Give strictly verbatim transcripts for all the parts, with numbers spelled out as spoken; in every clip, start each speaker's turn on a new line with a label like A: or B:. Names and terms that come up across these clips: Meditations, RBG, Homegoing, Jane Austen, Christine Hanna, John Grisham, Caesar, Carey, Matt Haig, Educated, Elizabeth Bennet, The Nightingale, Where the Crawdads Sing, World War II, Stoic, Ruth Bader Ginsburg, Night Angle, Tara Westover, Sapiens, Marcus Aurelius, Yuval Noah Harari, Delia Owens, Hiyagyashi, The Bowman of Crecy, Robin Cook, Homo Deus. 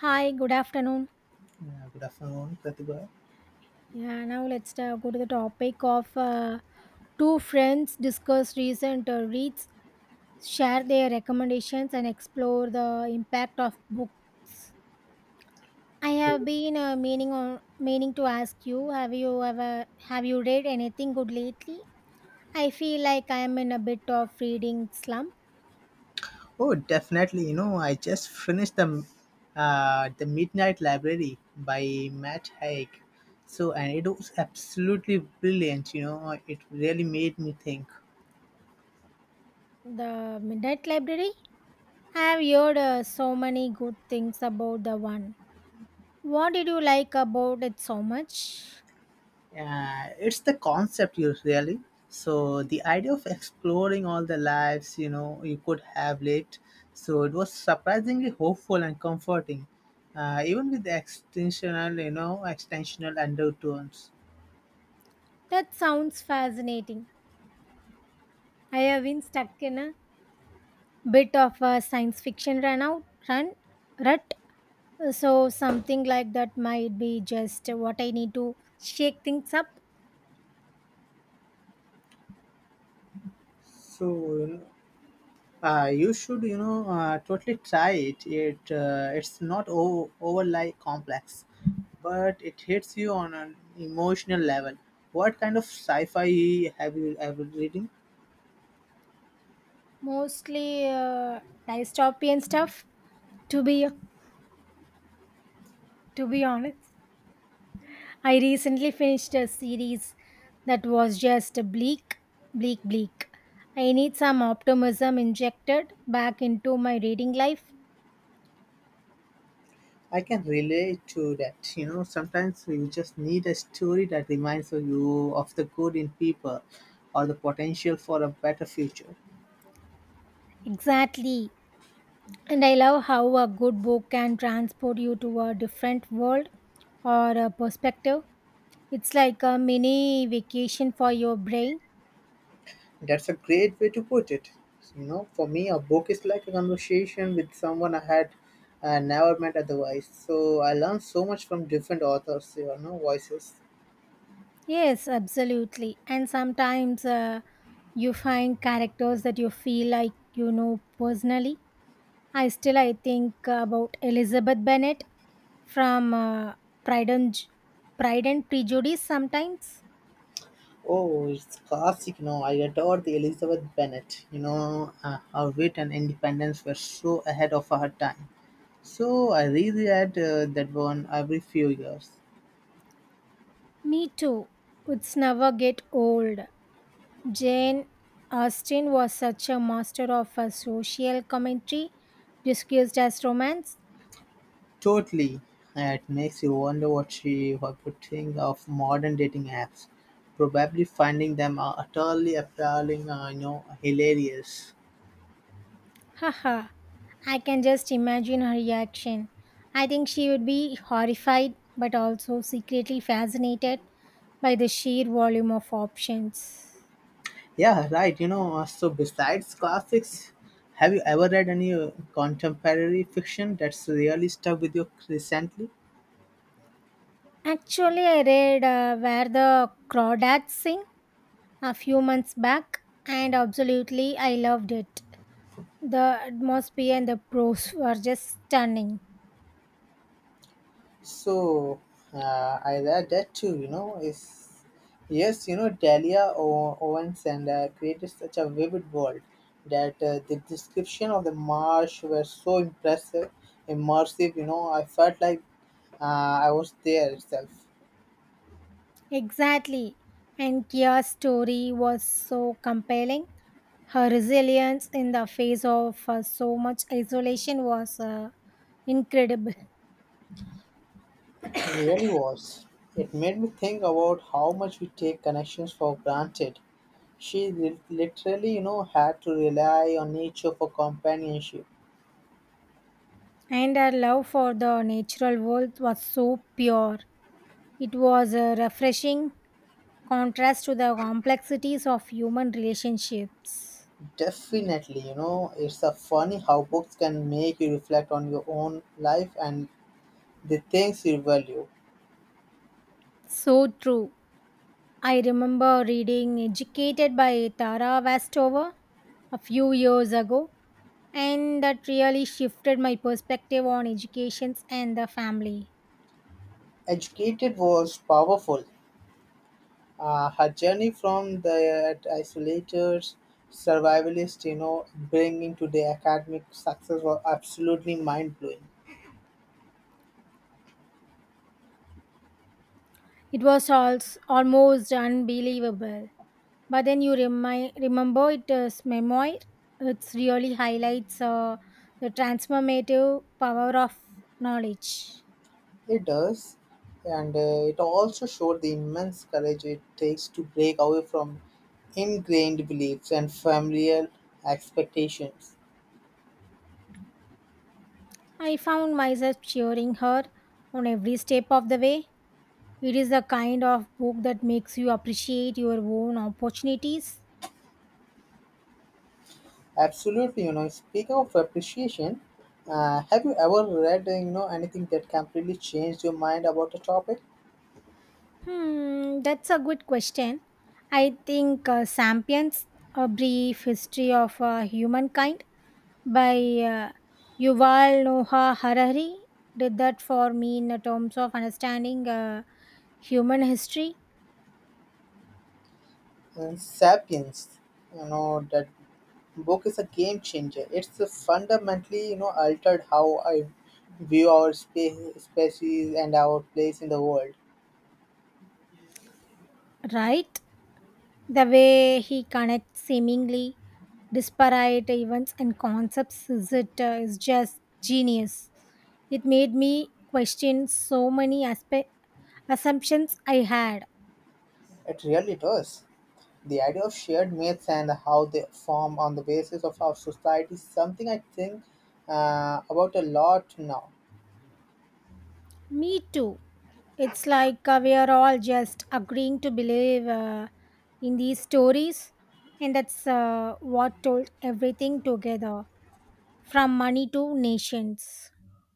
A: Hi, good afternoon.
B: Yeah, good afternoon, Pratibha.
A: Yeah, now let's uh, go to the topic of uh, two friends discuss recent uh, reads, share their recommendations, and explore the impact of book. I have
B: Okay.
A: been uh, meaning on meaning to ask you: Have you ever have you read anything good lately? I feel like I am in a bit of reading slump.
B: Oh, definitely. You know, I just finished the uh, the Midnight Library by Matt Haig. So, and it was absolutely brilliant. You know, it really made me think.
A: The Midnight Library. I have heard uh, so many good things about the one. What did you like about it so much?
B: Uh, it's the concept, you really. So, the idea of exploring all the lives you know you could have lived. So, it was surprisingly hopeful and comforting, uh, even with the extensional, you know, extensional undertones.
A: That sounds fascinating. I have been stuck in a bit of a science fiction run out run rut. So something like that might be just what I need to shake things up.
B: So Uh, you should, you know, uh, totally try it. It uh, it's not o- over overly complex, but it hits you on an emotional level. What kind of sci-fi have you ever reading?
A: Mostly uh, dystopian stuff. To be to be honest, I recently finished a series that was just bleak, bleak, bleak. I need some optimism injected back into my reading life.
B: I can relate to that. You know, sometimes you just need a story that reminds you of the good in people, or the potential for a better future.
A: Exactly. And I love how a good book can transport you to a different world or a perspective. It's like a mini vacation for your brain.
B: That's a great way to put it. You know, for me, a book is like a conversation with someone I had uh, never met otherwise. So I learned so much from different authors, you know, voices.
A: Yes, absolutely. And sometimes uh, you find characters that you feel like you know personally. I still I think about Elizabeth Bennet from uh, Pride and Ju- Pride and Prejudice sometimes.
B: Oh, it's classic, you know. I adore the Elizabeth Bennet. You know, uh, her wit and independence were so ahead of her time. So I reread uh, that one every few years.
A: Me too. It's never get old. Jane Austen was such a master of a social commentary disguised as romance.
B: Totally. It makes you wonder what she what would think of modern dating apps. Probably finding them uh, utterly appalling, uh, you know, hilarious.
A: Haha, I can just imagine her reaction. I think she would be horrified but also secretly fascinated by the sheer volume of options.
B: Yeah, right. You know, uh, so besides classics, have you ever read any uh, contemporary fiction that's really stuck with you recently?
A: Actually, I read uh, Where the Crawdads Sing a few months back and absolutely I loved it. The atmosphere and the prose were just stunning.
B: So uh, I read that too. You know, is yes, you know, Delia O- Owens and uh, created such a vivid world that uh, the description of the marsh were so impressive, immersive. You know, I felt like uh, I was there itself.
A: Exactly. And Kia's story was so compelling. Her resilience in the face of uh, so much isolation was uh, incredible.
B: It really was. It made me think about how much we take connections for granted. She lit- literally, you know, had to rely on nature for companionship.
A: And her love for the natural world was so pure. It was a refreshing contrast to the complexities of human relationships.
B: Definitely, you know, it's a funny how books can make you reflect on your own life and the things you value.
A: So true. I remember reading Educated by Tara Westover a few years ago and that really shifted my perspective on educations and the family.
B: Educated was powerful. Uh, her journey from the isolated survivalist, you know, bringing to the academic success was absolutely mind blowing.
A: It was also almost unbelievable. But then you remi- remember it is memoir. It really highlights uh, the transformative power of knowledge.
B: It does, and uh, it also showed the immense courage it takes to break away from ingrained beliefs and familial expectations.
A: I found myself cheering her on every step of the way. It is the kind of book that makes you appreciate your own opportunities.
B: Absolutely, you know, speaking of appreciation, uh, have you ever read, uh, you know, anything that completely changed your mind about a topic?
A: Hmm, that's a good question. I think uh, Sapiens, A Brief History of uh, Humankind by uh, Yuval Noah Harari did that for me in terms of understanding uh, human history,
B: Uh, Sapiens, you know, that book is a game changer. It's uh, fundamentally, you know, altered how I view our spe- species and our place in the world.
A: right? The way he connects seemingly disparate events and concepts is, it, uh, is just genius. It made me question so many aspe- assumptions I had.
B: It really does. The idea of shared myths and how they form on the basis of our society is something I think uh, about a lot now.
A: Me too. It's like uh, we are all just agreeing to believe uh, in these stories, and that's uh, what told everything together from money to nations.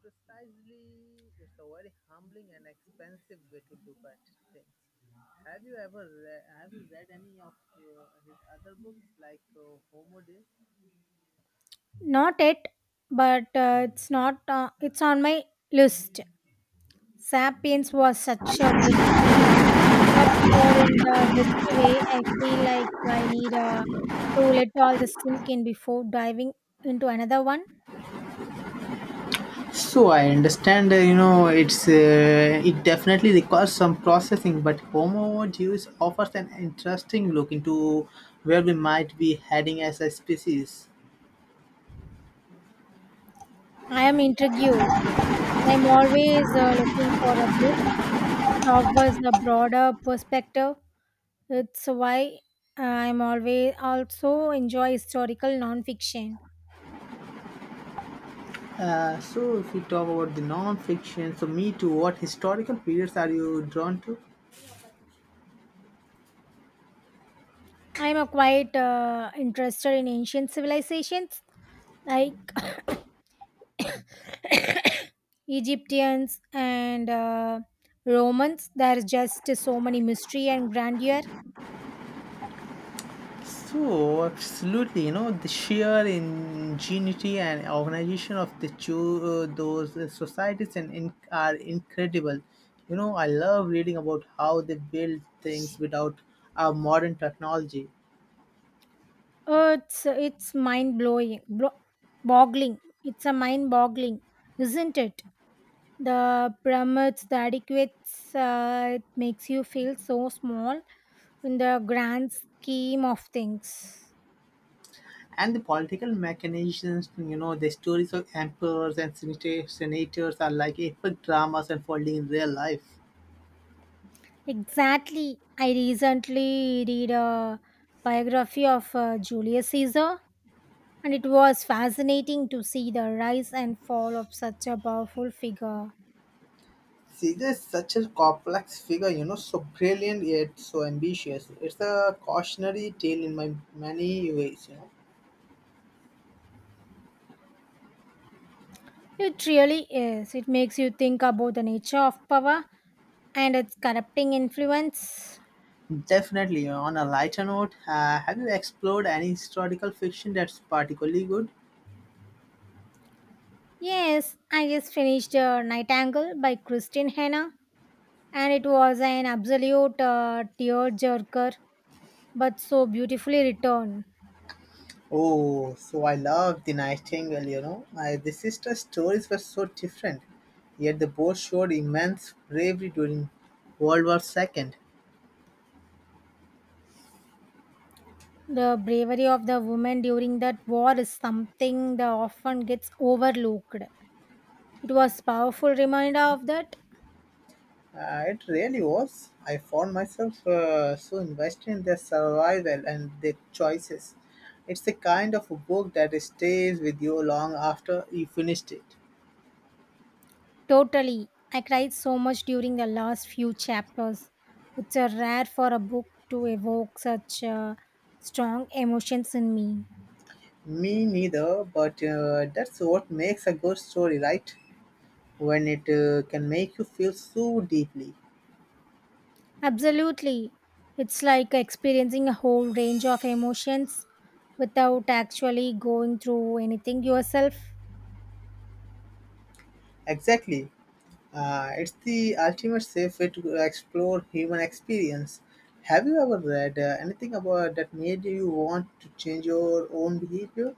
B: Precisely, it's a very humbling and expensive way to look at things. Have you ever re- have you read any of uh, his other books like uh, Homo Deus?
A: Not yet, but uh, it's not. Uh, it's on my list. Sapiens was such a dense read, but or in the best way, I feel like I need uh, to let all this sink in before diving into another one.
B: So I understand, uh, you know, it's uh, it definitely requires some processing, but Homo Deus offers an interesting look into where we might be heading as a species.
A: I am intrigued. I'm always uh, looking for a book that offers a broader perspective. It's why I'm always also enjoy historical nonfiction.
B: Uh, so if we talk about the non-fiction, so me too, what historical periods are you drawn to?
A: I'm a quite uh, interested in ancient civilizations like Egyptians and uh, Romans. There's just so many mystery and grandeur.
B: So, absolutely, you know, the sheer ingenuity and organization of the cho- uh, those uh, societies and in- are incredible. You know, I love reading about how they build things without our modern technology
A: Uh, it's it's mind blowing, blo- boggling. It's a mind boggling, isn't it? The pyramids, the adequates, uh, it makes you feel so small in the grand scheme of things.
B: and the political mechanisms. You know, the stories of emperors and senata- senators are like epic dramas unfolding in real life.
A: Exactly, I recently read a biography of uh, Julius Caesar, and it was fascinating to see the rise and fall of such a powerful figure.
B: Caesar is such a complex figure, you know, so brilliant yet so ambitious. It's a cautionary tale in my many ways, you know.
A: It really is. It makes you think about the nature of power and its corrupting influence.
B: Definitely. On a lighter note, uh, have you explored any historical fiction that's particularly good?
A: Yes, I just finished uh, Night Angle by Christine Hanna, and it was an absolute uh, tear jerker, but so beautifully written.
B: Oh, so I love The Nightingale, you know. My, the sister's stories were so different, yet they both showed immense bravery during World War two.
A: The bravery of the women during that war is something that often gets overlooked. It was powerful reminder of that.
B: Uh, it really was. I found myself uh, so invested in their survival and their choices. It's the kind of a book that stays with you long after you finished it.
A: Totally, I cried so much during the last few chapters. It's a rare for a book to evoke such uh, strong emotions in me.
B: Me neither, but uh, that's what makes a good story, right? When it uh, can make you feel so deeply.
A: Absolutely. It's like experiencing a whole range of emotions without actually going through anything yourself.
B: Exactly. Uh, it's the ultimate safe way to explore human experience. Have you ever read uh, anything about that made you want to change your own behavior?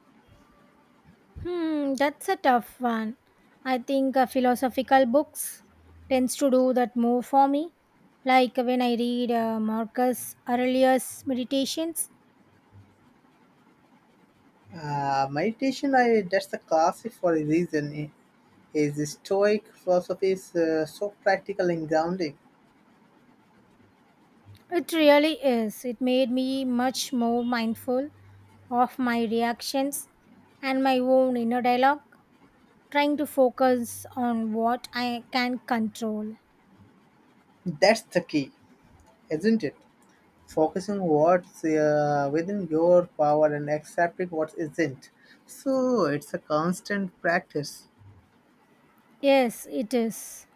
A: Hmm, that's a tough one. I think uh, philosophical books tends to do that more for me. Like when I read uh, Marcus Aurelius' Meditations,
B: Uh, meditation, I that's the classic for a reason. I- Is Stoic philosophy is uh, so practical and grounding.
A: it really is. It made me much more mindful of my reactions and my own inner dialogue, trying to focus on what I can control.
B: That's the key, isn't it? Focusing what's uh, within your power and accepting what isn't. So it's a constant practice.
A: Yes, it is.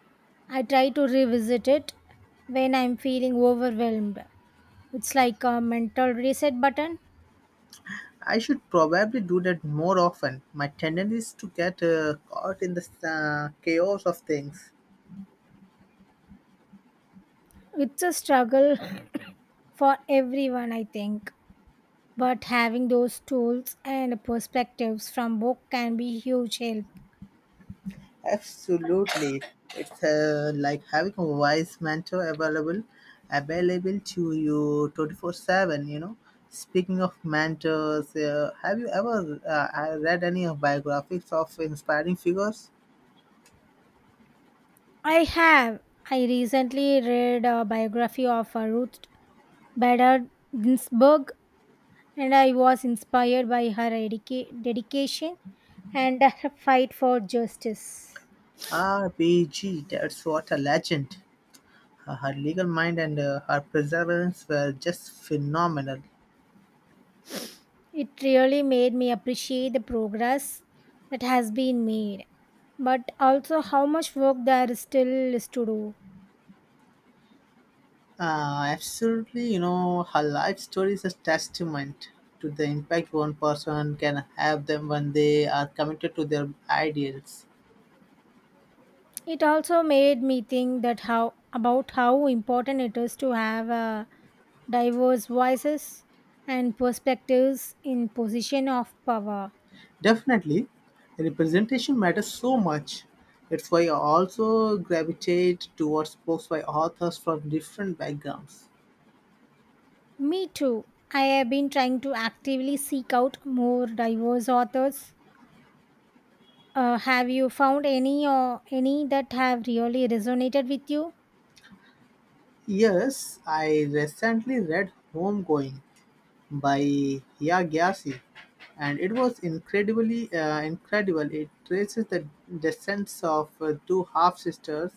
A: I try to revisit it when I'm feeling overwhelmed. It's like a mental reset button.
B: I should probably do that more often. My tendency is to get uh, caught in the uh, chaos of things.
A: It's a struggle for everyone, I think. But having those tools and perspectives from book can be huge help.
B: Absolutely. It's uh, like having a wise mentor available available to you twenty-four seven, you know. Speaking of mentors, uh, have you ever uh, uh, read any of biographies of inspiring figures?
A: I have. I recently read a biography of uh, Ruth Bader Ginsburg, and I was inspired by her dedica- dedication and her fight for justice.
B: R B G, that's what a legend. Her, her legal mind and uh, her perseverance were just phenomenal.
A: It really made me appreciate the progress that has been made, but also how much work there is still is to do.
B: Uh, absolutely, you know, her life story is a testament to the impact one person can have them when they are committed to their ideals.
A: It also made me think that how about how important it is to have uh, diverse voices and perspectives in position of power.
B: Definitely, representation matters so much. That's why I also gravitate towards books by authors from different backgrounds.
A: Me too. I have been trying to actively seek out more diverse authors. Uh, have you found any or any that have really resonated with you?
B: Yes, I recently read Homegoing by Hiyagyashi, and it was incredibly uh, incredible. It traces the descents of uh, two half sisters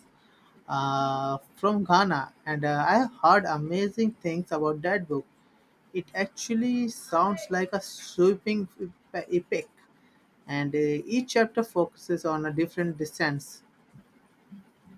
B: uh, from Ghana, and uh, I heard amazing things about that book. It actually sounds like a sweeping epic, and uh, each chapter focuses on a different descent.